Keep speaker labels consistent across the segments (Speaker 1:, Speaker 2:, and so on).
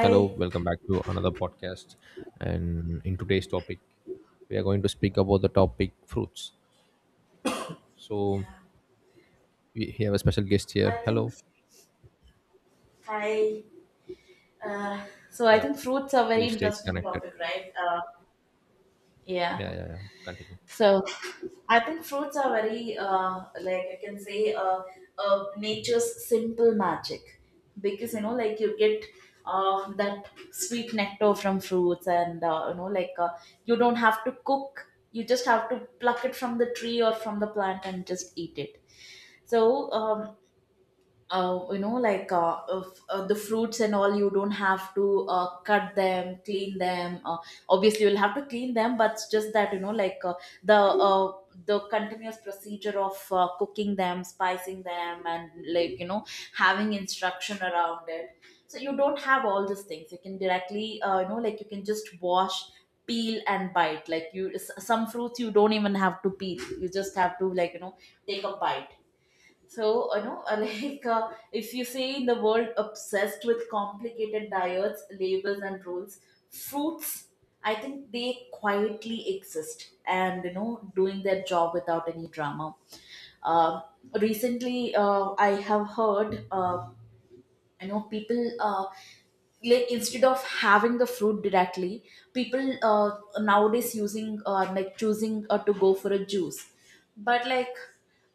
Speaker 1: Hello, welcome back to another podcast. And in today's topic, we are going to speak about the topic fruits. So
Speaker 2: Yeah,
Speaker 1: we have a special guest
Speaker 2: I
Speaker 1: here.
Speaker 2: think
Speaker 1: Hello.
Speaker 2: I uh, so I
Speaker 1: Yeah,
Speaker 2: think fruits are very
Speaker 1: please stay
Speaker 2: interesting
Speaker 1: connected.
Speaker 2: topic, right? Yeah.
Speaker 1: Yeah, yeah, yeah. Continue.
Speaker 2: So I think fruits are very like I can say nature's simple magic, because like you get that sweet nectar from fruits, and like you don't have to cook, you just have to pluck it from the tree or from the plant and just eat it. So like, if, the fruits and all, you don't have to cut them, clean them. Obviously you'll have to clean them, but it's just that like the uh, the continuous procedure of cooking them, spicing them, and like having instruction around it. So you don't have all these things, you can directly like you can just wash, peel and bite. Like some fruits you don't even have to peel, you just have to like take a bite. So, like if you say, in the world obsessed with complicated diets, labels, and rules, fruits, I think they quietly exist and, doing their job without any drama. Um Recently, I have heard people like instead of having the fruit directly, people nowadays using like choosing to go for a juice. But like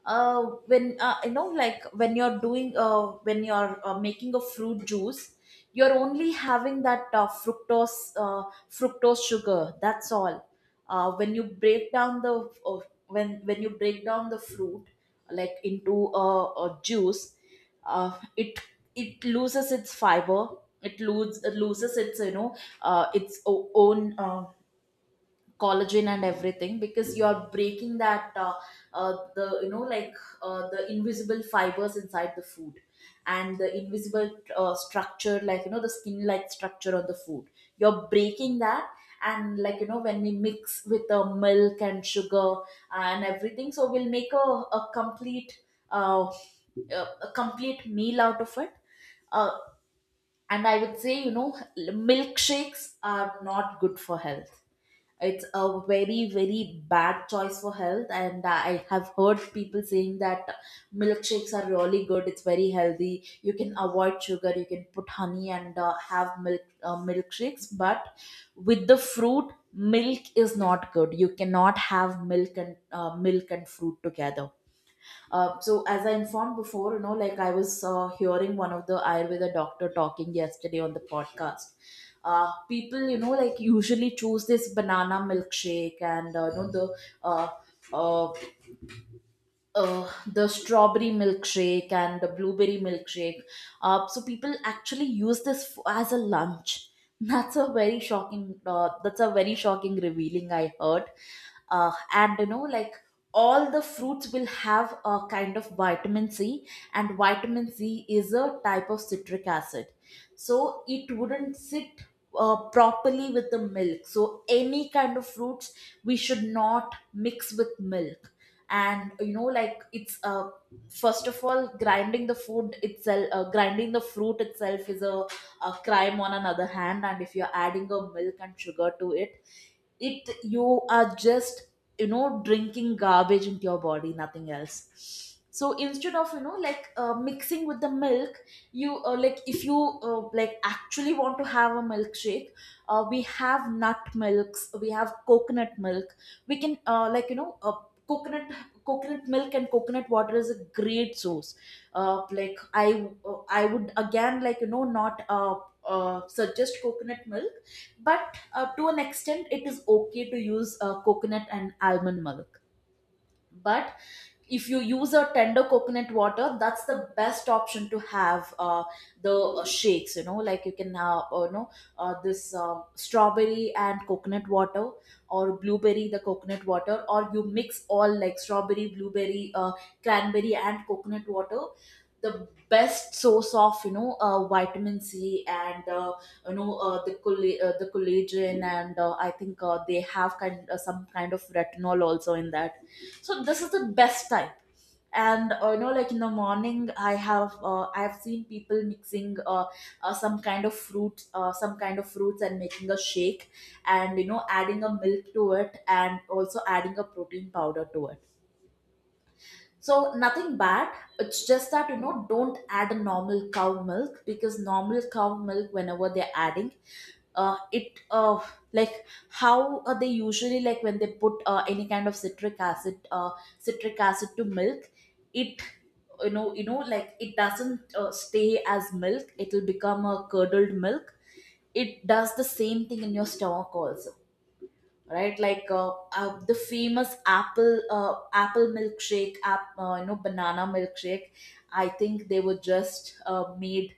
Speaker 2: when like when you're making a fruit juice, you're only having that fructose sugar, that's all. uh, when you break down the uh, when you break down the fruit, like into a juice, uh, it it loses its fiber. It loses its, its own, collagen and everything, because you are breaking that. The Like, the invisible fibers inside the food, and the invisible, structure, like the skin like structure of the food, you're breaking that. And like when we mix with the milk and sugar and everything, so we'll make uh, a a complete meal out of it. Uh, and I would say, milkshakes are not good for health. It's a very very bad choice for health, and I have heard people saying that milkshakes are really good, it's very healthy, you can avoid sugar, you can put honey and have milkshakes. But with the fruit, milk is not good. You cannot have milk and fruit together. So as I informed before, like, I was hearing one of the Ayurveda doctor talking yesterday on the podcast. People, like, usually choose this banana milkshake, and uh, uh, the strawberry milkshake and the blueberry milkshake. So people actually use this as a lunch. That's a very shocking revealing I heard. And like, all the fruits will have a kind of vitamin C, and vitamin C is a type of citric acid. So it wouldn't sit properly with the milk. So any kind of fruits we should not mix with milk. And like, it's first of all, grinding the food itself, grinding the fruit itself, is a crime on another hand. And if you're adding a milk and sugar to it, you are just drinking garbage into your body, nothing else. So instead of like mixing with the milk, you like, if you like, actually want to have a milkshake, we have nut milks, we have coconut milk. We can like coconut coconut milk and coconut water is a great source. Like I would again like not suggest coconut milk, but to an extent it is okay to use coconut and almond milk. But if you use a tender coconut water, that's the best option to have. The Shakes, like, you can this, strawberry and coconut water, or blueberry the coconut water, or you mix all like strawberry, blueberry, cranberry and coconut water. The best source of vitamin C, and the collagen, and I think they have kind some kind of retinol also in that. So this is the best time. And like, in the morning I have seen people mixing some kind of fruits and making a shake, and adding a milk to it and also adding a protein powder to it. So nothing bad, it's just that don't add a normal cow milk. Because normal cow milk, whenever they're adding it, like, how they usually, like, when they put any kind of citric acid, to milk, it, like, it doesn't stay as milk, it'll become a curdled milk. It does the same thing in your stomach also, right? Like the famous apple milkshake, app banana milkshake, I think they were just uh, made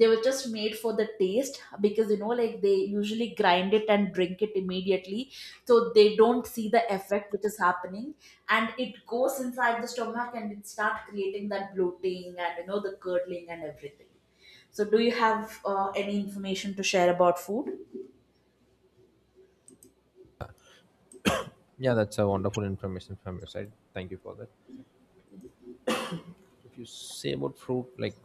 Speaker 2: they were just made for the taste. Because like, they usually grind it and drink it immediately, so they don't see the effect which is happening, and it goes inside the stomach and it start creating that bloating and the curdling and everything. So do you have any information to share about food?
Speaker 1: Yeah, that's a wonderful information from your side. Thank you for that. If you say about fruit, like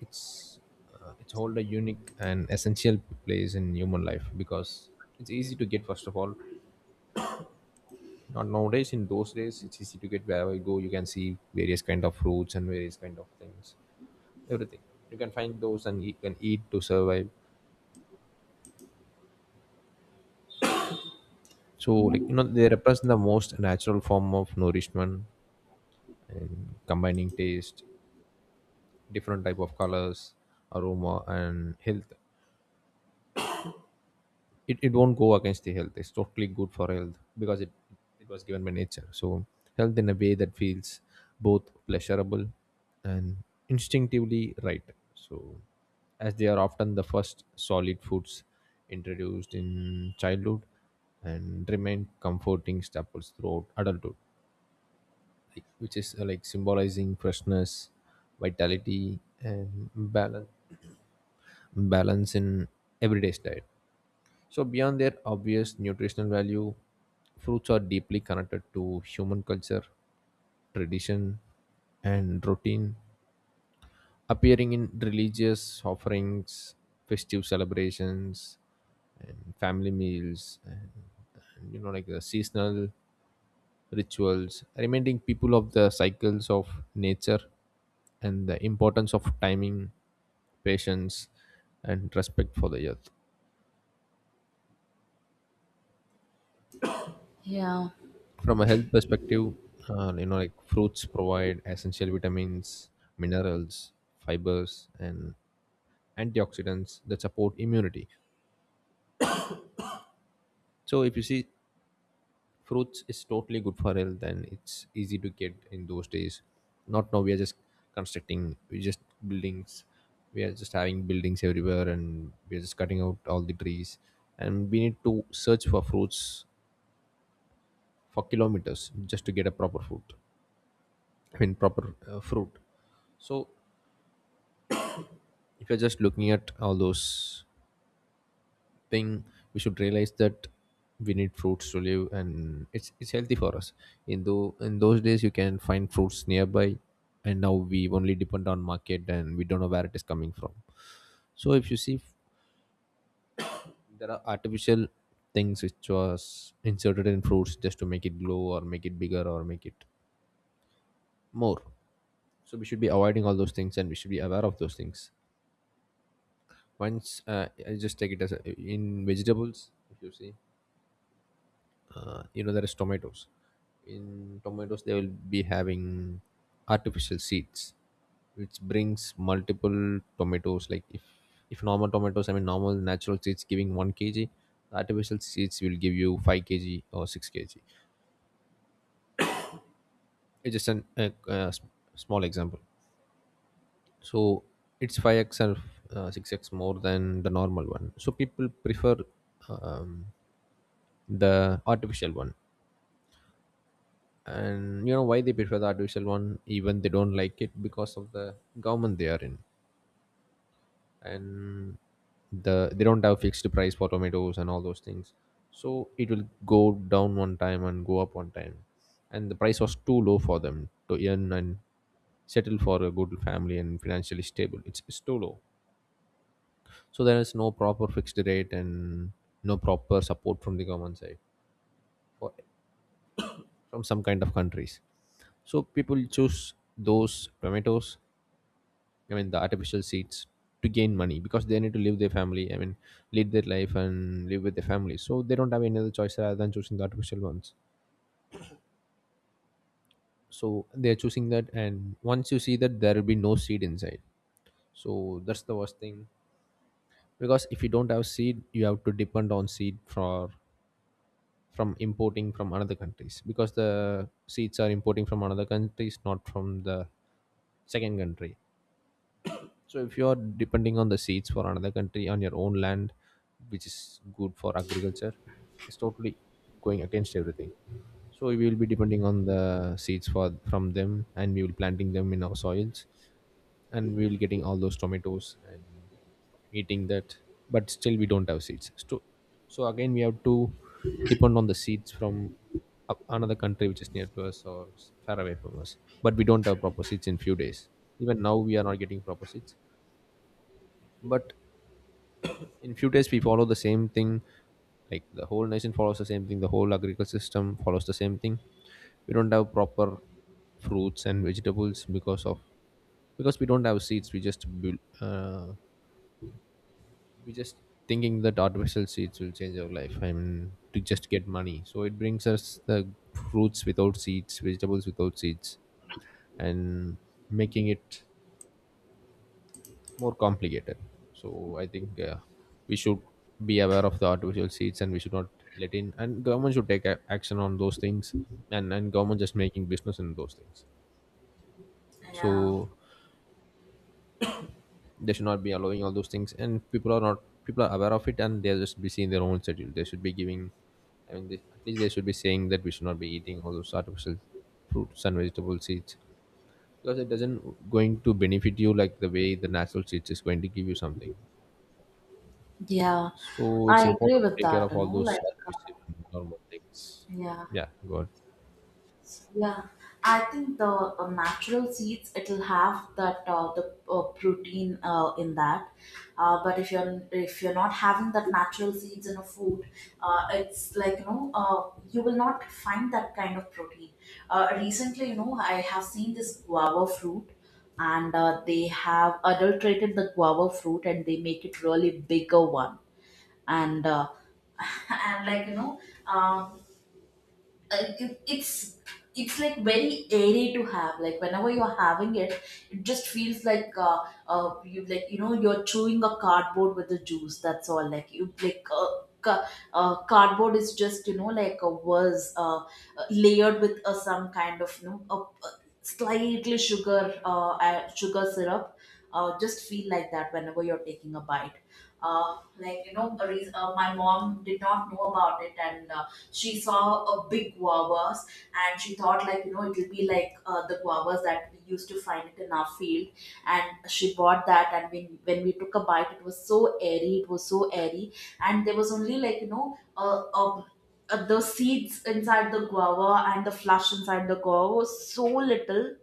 Speaker 1: it's it's hold a unique and essential place in human life because it's easy to get first of all. Not nowadays, in those days, it's easy to get wherever you go. You can see various kind of fruits and various kind of things, everything. You can find those and you can eat to survive. So, like you know, they represent the most natural form of nourishment and combining taste, different type of colors, aroma, and health. It won't go against the health. It's totally good for health because it was given by nature, so health in a way that feels both pleasurable and instinctively right. So as they are often the first solid foods introduced in childhood and remain comforting staples throughout adulthood, like- which is like symbolizing freshness, vitality and balance, balance in everyday's diet. So, beyond their obvious nutritional value, fruits are deeply connected to human culture, tradition, and routine, appearing in religious offerings, festive celebrations, and family meals, you know, like the seasonal rituals, reminding people of the cycles of nature and the importance of timing, patience, and respect for the earth.
Speaker 2: Yeah,
Speaker 1: From a health perspective, you know, like fruits provide essential vitamins, minerals, fibers and antioxidants that support immunity. So if you see, fruits is totally good for health and it's easy to get in those days. Not now, we are just constructing, we just buildings. We are just having buildings everywhere and we are just cutting out all the trees, and we need to search for fruits for kilometers just to get a proper fruit. I mean proper fruit. So if you're just looking at all those thing, we should realize that we need fruits to live and it's healthy for us. In though in those days you can find fruits nearby, and now we only depend on market and we don't know where it is coming from. So if you see, there are artificial things which was inserted in fruits just to make it glow or make it bigger or make it more. So we should be avoiding all those things and we should be aware of those things. Once I just take it as a, in vegetables if you see, you know, there is tomatoes. In tomatoes they will be having artificial seeds which brings multiple tomatoes. Like if normal tomatoes, I mean normal natural seeds giving 1 kg, artificial seeds will give you 5 kg or 6 kg. It's just an, a, a s- small example. So it's 5x or 6x more than the normal one, so people prefer um, the artificial one. And you know why they prefer the artificial one even they don't like it? Because of the government they are in, and they don't have fixed price for tomatoes and all those things. So it will go down one time and go up one time, and the price was too low for them to earn and settle for a good family and financially stable. It's too low. So there is no proper fixed rate and no proper support from the government side for, from some kind of countries. So people choose those tomatoes, I mean the artificial seeds, to gain money because they need to live their family. I mean, lead their life and live with their family. So they don't have any other choice rather than choosing the artificial ones. So they're choosing that, and once you see that, there will be no seed inside. So that's the worst thing, because if you don't have seed, you have to depend on seed for from importing from another countries, because the seeds are importing from another countries, not from the second country. So if you are depending on the seeds for another country on your own land, which is good for agriculture, it's totally going against everything. So we will be depending on the seeds for from them, and we will planting them in our soils, and we will getting all those tomatoes and eating that. But still, we don't have seeds. So, so again, we have to depend on the seeds from another country which is near to us or far away from us. But we don't have proper seeds in few days. Even now, we are not getting proper seeds, but in few days we follow the same thing, like the whole nation follows the same thing, the whole agricultural system follows the same thing. We don't have proper fruits and vegetables because of, because we don't have seeds, we just build , we just thinking that artificial seeds will change our life and to just get money, so it brings us the fruits without seeds, vegetables without seeds, and making it more complicated. So I think we should be aware of the artificial seeds and we should not let in, and government should take action on those things, and government just making business in those things.
Speaker 2: yeah.
Speaker 1: So they should not be allowing all those things, and people are not, people are aware of it and they're just busy in their own schedule. They should be giving, I mean they, at least they should be saying that we should not be eating all those artificial fruits and vegetable seeds, because it doesn't going to benefit you like the way the natural seeds is going to give you something.
Speaker 2: Yeah,
Speaker 1: So it's
Speaker 2: I agree
Speaker 1: important to
Speaker 2: with
Speaker 1: take care
Speaker 2: that,
Speaker 1: of all those
Speaker 2: like, uh,
Speaker 1: artificial and normal things.
Speaker 2: yeah,
Speaker 1: Yeah, good.
Speaker 2: yeah. I think the natural seeds, it'll have that the protein in that. But if you're not having that natural seeds in a food, it's like, you will not find that kind of protein. Recently, I have seen this guava fruit, and they have adulterated the guava fruit and they make it really bigger one. And and like um, uh, it, it's it's like very airy to have. Like, whenever you're having it, it just feels like you like you're chewing a cardboard with the juice, that's all. Like you like cardboard is just like, a, was layered with some kind of a slightly sugar, sugar syrup. Just feel like that whenever you're taking a bite. Like my mom did not know about it, and she saw a big guavas, and she thought like it'll be like the guavas that we used to find it in our field. And she bought that, and when we took a bite, it was so airy, it was so airy. And there was only like the seeds inside the guava. And the flesh inside the guava was so little,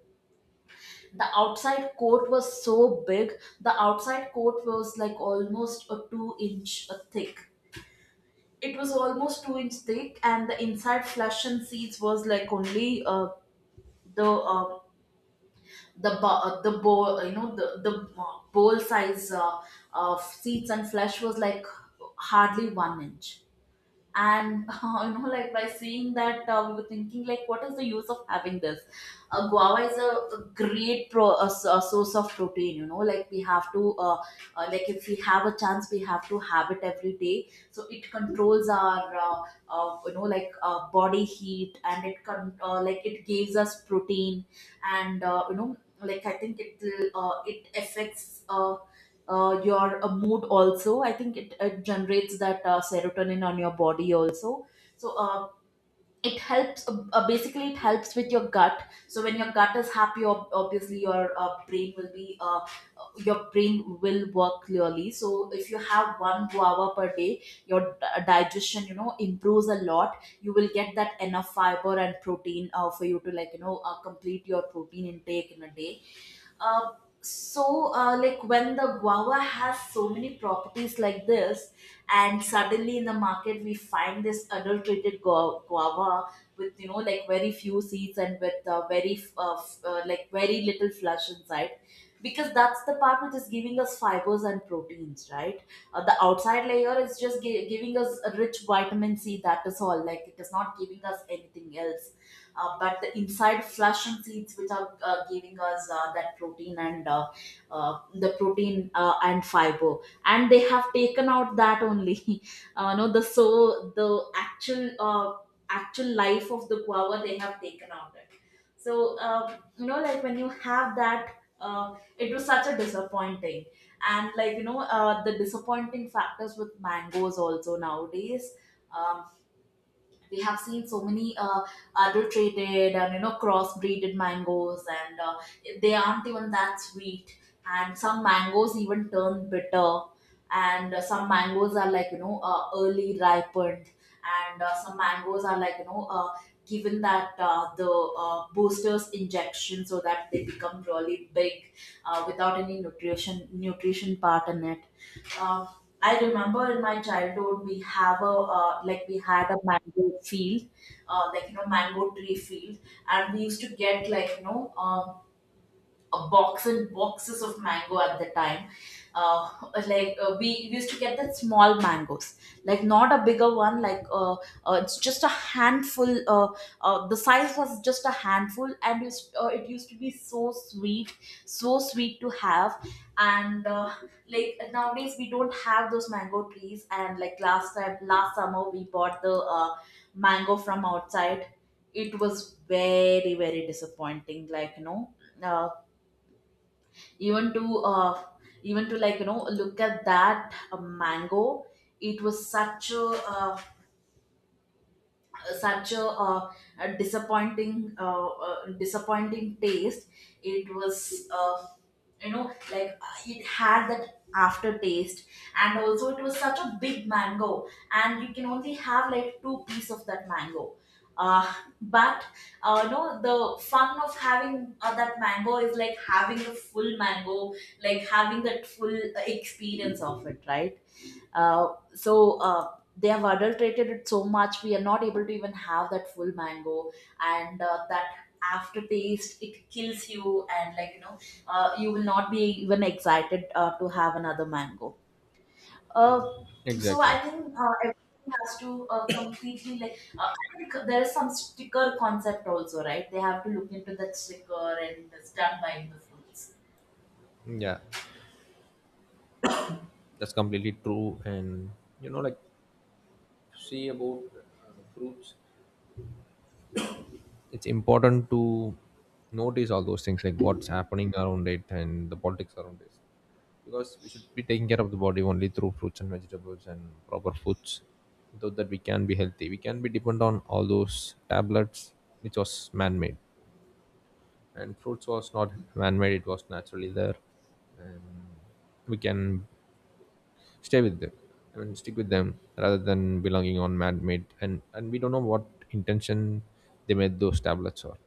Speaker 2: the outside coat was so big. The outside coat was like almost a 2-inch thick, it was almost 2-inch thick. And the inside flesh and seeds was like only the uh, the bowl, the bowl size of seeds and flesh was like hardly 1 inch. And like, by seeing that, we were thinking, like, what is the use of having this? Guava is a great a source of protein. Like, we have to like, if we have a chance, we have to have it every day, so it controls our like body heat, and like, it gives us protein. And like, I think it affects your mood also. I think it generates that serotonin on your body also. So uh, it helps uh, uh, basically it helps with your gut. So when your gut is happy, obviously your brain will work clearly. So if you have one guava per day, your digestion improves a lot, you will get that enough fiber and protein for you to like complete your protein intake in a day. uh, so, like, when the guava has so many properties like this, and suddenly in the market we find this adulterated guava with like very few seeds, and with very like, very little flesh inside, because that's the part which is giving us fibers and proteins, right? The outside layer is just giving us a rich vitamin C. That is all. Like, it is not giving us anything else, but the inside flesh and seeds which are giving us that protein and the protein and fiber, and they have taken out that only no the so the actual actual life of the guava, they have taken out it. So you know, like when you have that, it was such a disappointing, and like you know, the disappointing factors with mangoes also nowadays. Um, we have seen so many adulterated and you know crossbreeded mangoes, and they aren't even that sweet, and some mangoes even turn bitter, and some mangoes are like you know early ripened, and some mangoes are like you know given that the boosters injection so that they become really big, without any nutrition part in it. Um, I remember in my childhood we have a like we had a mango field, like you know, mango tree field, and we used to get like you know a box and boxes of mango at the time. Uh, like we used to get that small mangoes, like not a bigger one, it's just a handful. The size was just a handful, and it used to be so sweet to have. And Like nowadays we don't have those mango trees, and like last time, last summer, we bought the mango from outside. It was very, very disappointing, like you know. Uh, even to uh, Even to, like you know, look at that mango, it was such a, uh, a disappointing disappointing taste. It was, you know, like it had that aftertaste, and also it was such a big mango, and you can only have like two piece of that mango. Uh, but no, The fun of having that mango is like having the full mango, like having that full experience of it, right? So they have adulterated it so much we are not able to even have that full mango, and that aftertaste, it kills you, and like you know, you will not be even excited to have another mango. uh, so I
Speaker 1: Exactly.
Speaker 2: think everything has to completely like I think there is some sticker concept also, right? They have to look into that sticker, and it's done by the fruits.
Speaker 1: Yeah, that's completely true. And you know, like see about fruits, it's important to notice all those things, like what's happening around it and the politics around it, because we should be taking care of the body only through fruits and vegetables and proper foods. Without that, we can be healthy. We can be depend on all those tablets, which was man-made. And fruits was not man-made, it was naturally there. And we can stay with them, I mean stick with them, rather than belonging on man-made, and we don't know what intention they made those tablets, or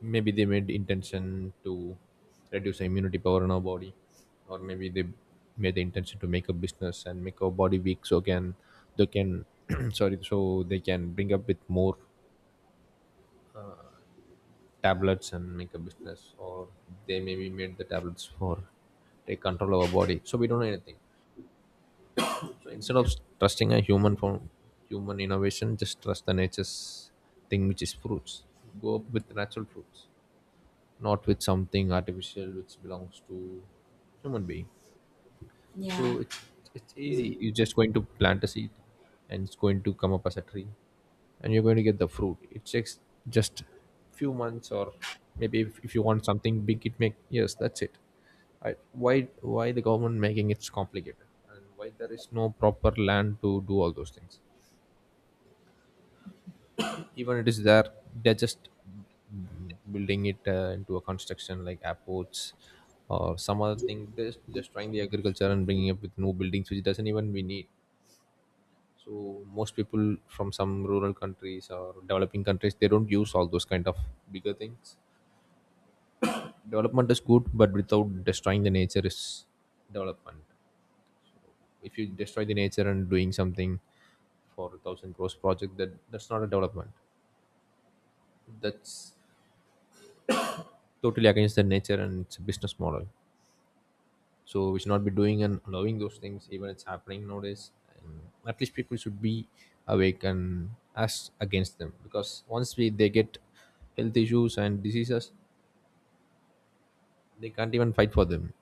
Speaker 1: maybe they made intention to reduce the immunity power in our body, or maybe they made the intention to make a business and make our body weak so can they can sorry, so they can bring up with more tablets and make a business, or they maybe made the tablets for take control of our body so we don't know anything. So instead of
Speaker 2: Yeah,
Speaker 1: trusting a human for human innovation, just trust the nature's thing, which is fruits. Go up with natural fruits, not with something artificial which belongs to human being.
Speaker 2: yeah,
Speaker 1: So it's easy. You're just going to plant a seed, and it's going to come up as a tree, and you're going to get the fruit. It takes just few months, or maybe if you want something big, it make, yes, that's it. I, why the government making it complicated, and why there is no proper land to do all those things? Even it is there, they're just building it into a construction like airports or some other thing. They're just destroying the agriculture and bringing up with new buildings which doesn't even we need. So most people from some rural countries or developing countries, they don't use all those kind of bigger things. Development is good, but without destroying the nature is development. If you destroy the nature and doing something for a thousand crores project, that's not a development. That's totally against the nature and it's a business model. So we should not be doing and allowing those things, even it's happening nowadays. And at least people should be awake and us against them, because once we they get health issues and diseases, they can't even fight for them,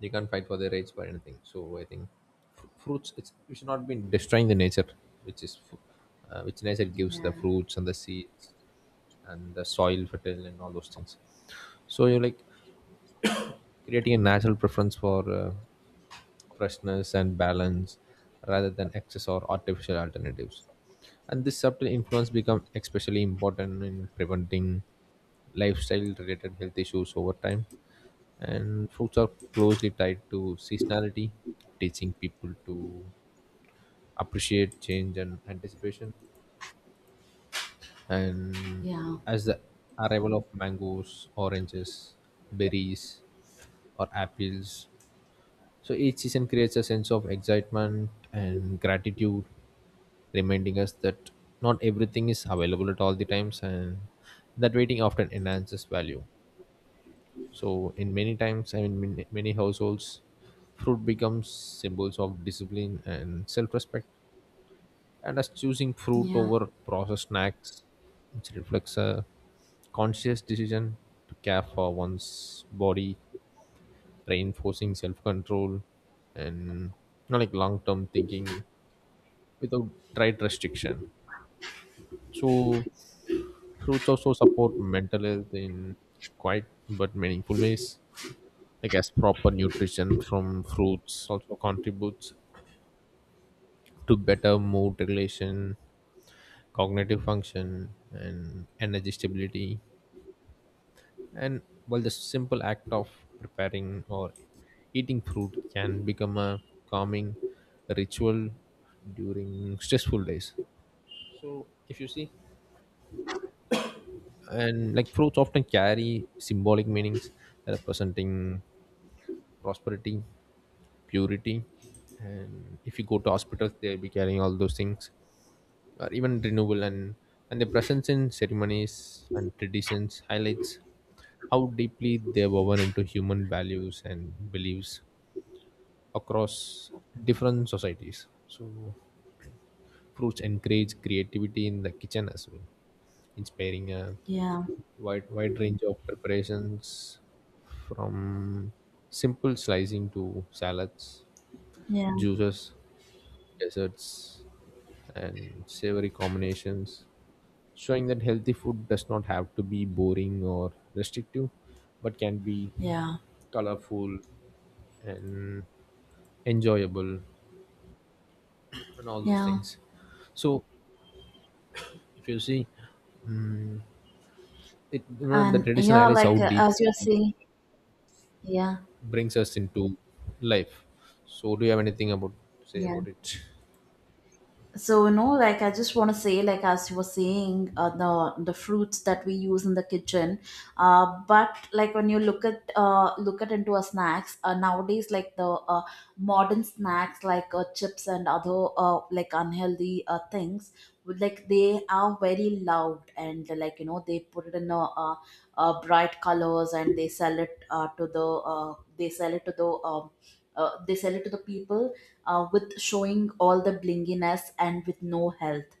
Speaker 1: they can't fight for their rights for anything. So I think fruits, it's we should not be destroying the nature, which is which nature gives
Speaker 2: yeah,
Speaker 1: the fruits and the seeds and the soil fertile and all those things. So you're like creating a natural preference for freshness and balance rather than excess or artificial alternatives, and this subtle influence become especially important in preventing lifestyle related health issues over time. And fruits are closely tied to seasonality, teaching people to appreciate change and anticipation, and
Speaker 2: yeah,
Speaker 1: as the arrival of mangoes, oranges, berries, or apples. So each season creates a sense of excitement and gratitude, reminding us that not everything is available at all the times, and that waiting often enhances value. So in many times, I mean, many many households, fruit becomes symbols of discipline and self-respect, and as choosing fruit
Speaker 2: yeah,
Speaker 1: over processed snacks, which reflects a conscious decision to care for one's body, reinforcing self control and you know, like long term thinking without diet restriction. So, fruits also support mental health in quite but meaningful ways. Like as proper nutrition from fruits also contributes to better mood regulation, cognitive function, and energy stability. And while the simple act of preparing or eating fruit can become a calming ritual during stressful days. So, if you see, and like fruits often carry symbolic meanings representing prosperity, purity, and if you go to hospitals, they'll be carrying all those things, or even renewal, and their presence in ceremonies and traditions highlights how deeply they're woven into human values and beliefs across different societies. So fruits encourage creativity in the kitchen as well, inspiring a
Speaker 2: yeah,
Speaker 1: wide range of preparations, from simple slicing to salads,
Speaker 2: yeah.
Speaker 1: juices, desserts, and savory combinations, showing that healthy food does not have to be boring or restrictive, but can be
Speaker 2: Yeah,
Speaker 1: colorful and enjoyable and all those
Speaker 2: yeah,
Speaker 1: things. So if you see it, you know, the
Speaker 2: and
Speaker 1: tradition
Speaker 2: yeah,
Speaker 1: highlights how
Speaker 2: like as
Speaker 1: deeply
Speaker 2: you
Speaker 1: it
Speaker 2: see, yeah,
Speaker 1: brings us into life. So, do you have anything about say
Speaker 2: yeah,
Speaker 1: about it?
Speaker 2: so no, like I just want to say, like as you were saying, the fruits that we use in the kitchen, but like when you look at into a snacks nowadays, like the uh, modern snacks like chips and other like unhealthy things, like they are very loud, and like you know they put it in a, bright colors and they sell it to the they sell it to the they sell it to the people with showing all the blinginess and with no health.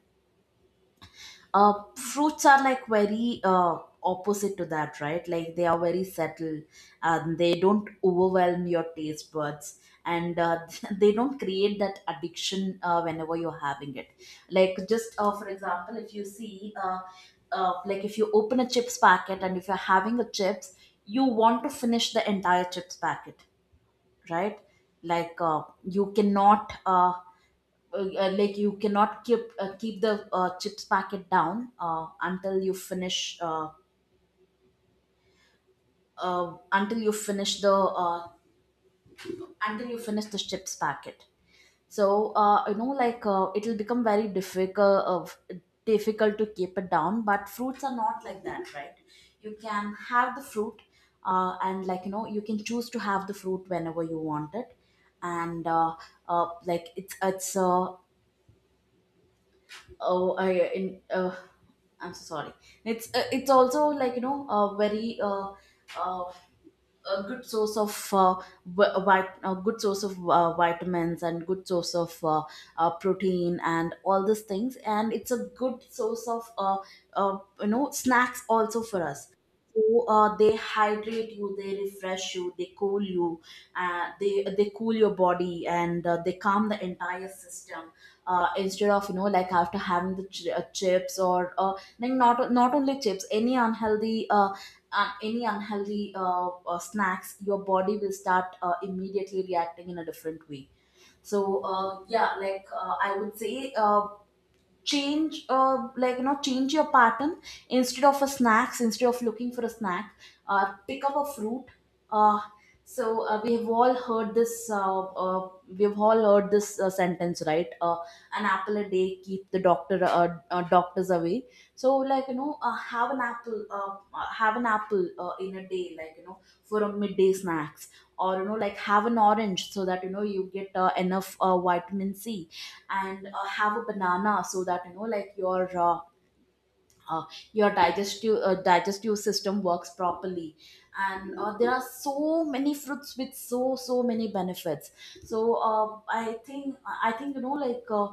Speaker 2: Fruits are like very opposite to that, right? Like they are very settled. They don't overwhelm your taste buds, and they don't create that addiction whenever you're having it. Like, just for example, if you see, like if you open a chips packet and if you're having a chips, you want to finish the entire chips packet, right? Like, you cannot. Like you cannot keep the chips packet down until you finish the until you finish the chips packet. So you know, like it will become very difficult to keep it down, but fruits are not like that, right? You can have the fruit, and like you know, you can choose to have the fruit whenever you want it. And like it's oh I in I'm so sorry. It's it's also, like you know, very uh, a good source of a good source of vitamins, and good source of protein and all these things, and it's a good source of you know, snacks also for us. So they hydrate you, they refresh you, they cool you, they cool your body, and they calm the entire system, instead of, you know, like, after having the chips or like, not only chips, any unhealthy snacks, your body will start immediately reacting in a different way. So yeah, like I would say, change like you know, change your pattern. Instead of a snacks, instead of looking for a snack, pick up a fruit. Uh, so we have all heard this We've all heard this sentence, right? An apple a day keep the doctor doctors away. So, like you know, have an apple in a day, like you know, for a midday snacks, or you know, like have an orange so that you know you get enough vitamin c, and have a banana so that you know like your uh, digestive system works properly. And there are so many fruits with so, so many benefits. So uh, i think I think, you know, like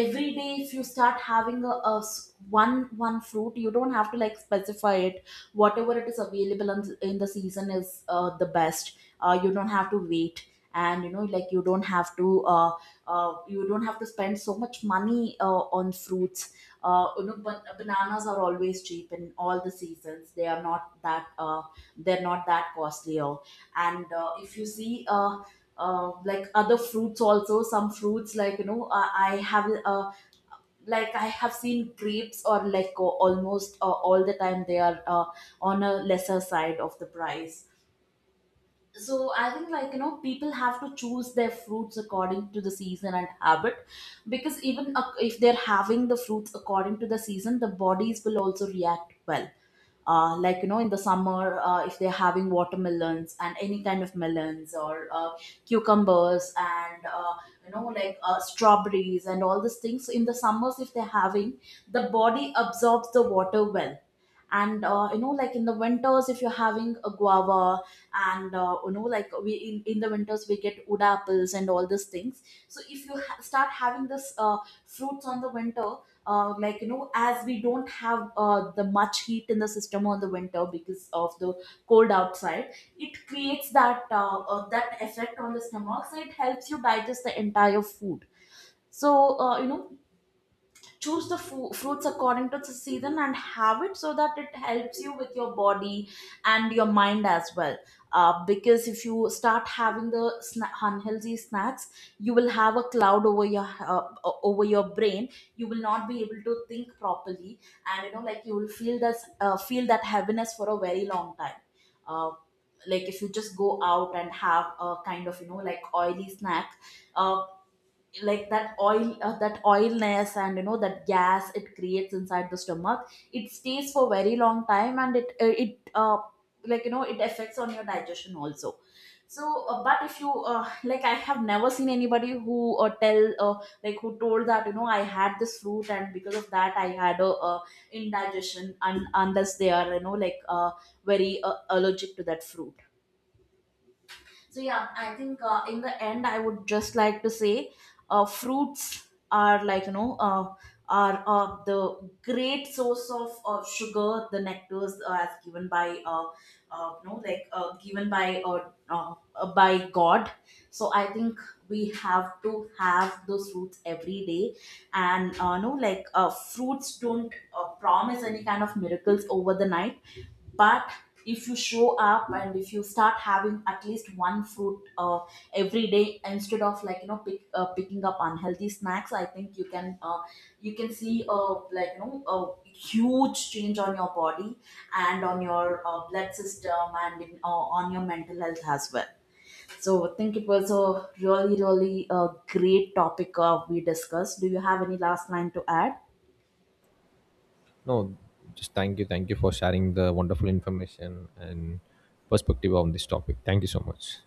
Speaker 2: every day if you start having a s- one one fruit, you don't have to like specify it. Whatever it is available in the season is the best. You don't have to wait, and you know like you don't have to you don't have to spend so much money on fruits. You know, bananas are always cheap in all the seasons. They are not that they're not that costlier. And if you see like other fruits also, some fruits like you know, I have like I have seen grapes or like almost all the time, they are on a lesser side of the price. So I think, like you know, people have to choose their fruits according to the season and habit, because even if they're having the fruits according to the season, the bodies will also react well. Like you know, in the summer, if they're having watermelons and any kind of melons, or cucumbers, and you know like strawberries and all these things, so in the summers, if they're having, the body absorbs the water well. And you know, like in the winters, if you're having a guava, and you know like in the winters we get wood apples and all these things. So if you start having this fruits on the winter, like you know, as we don't have the much heat in the system on the winter because of the cold outside, it creates that that effect on the stomach, so it helps you digest the entire food. So you know, choose the fruits according to the season and have it so that it helps you with your body and your mind as well. Because if you start having the unhealthy snacks, you will have a cloud over your over your brain, you will not be able to think properly, and you know like you will feel this feel that heaviness for a very long time. uh, like, if you just go out and have a kind of you know like oily snack, uh, like that oil that oilness and you know that gas it creates inside the stomach, it stays for very long time, and it it like you know, it affects on your digestion also. So but if you like, I have never seen anybody who tell like who told that, you know, I had this fruit and because of that I had a indigestion, and unless they are you know like very allergic to that fruit. So yeah, I think, in the end, I would just like to say, fruits are, like you know, are the great source of sugar, the nectars, as given by you know like given by God. So I think we have to have those fruits every day, and fruits don't promise any kind of miracles over the night, but if you show up and if you start having at least one fruit every day, instead of, like you know, picking up unhealthy snacks, I think you can see a, like you know, a huge change on your body and on your blood system, and on your mental health as well. So I think it was a really, really great topic we discussed. Do you have any last line to add?
Speaker 1: No, just thank you for sharing the wonderful information and perspective on this topic. Thank you so much.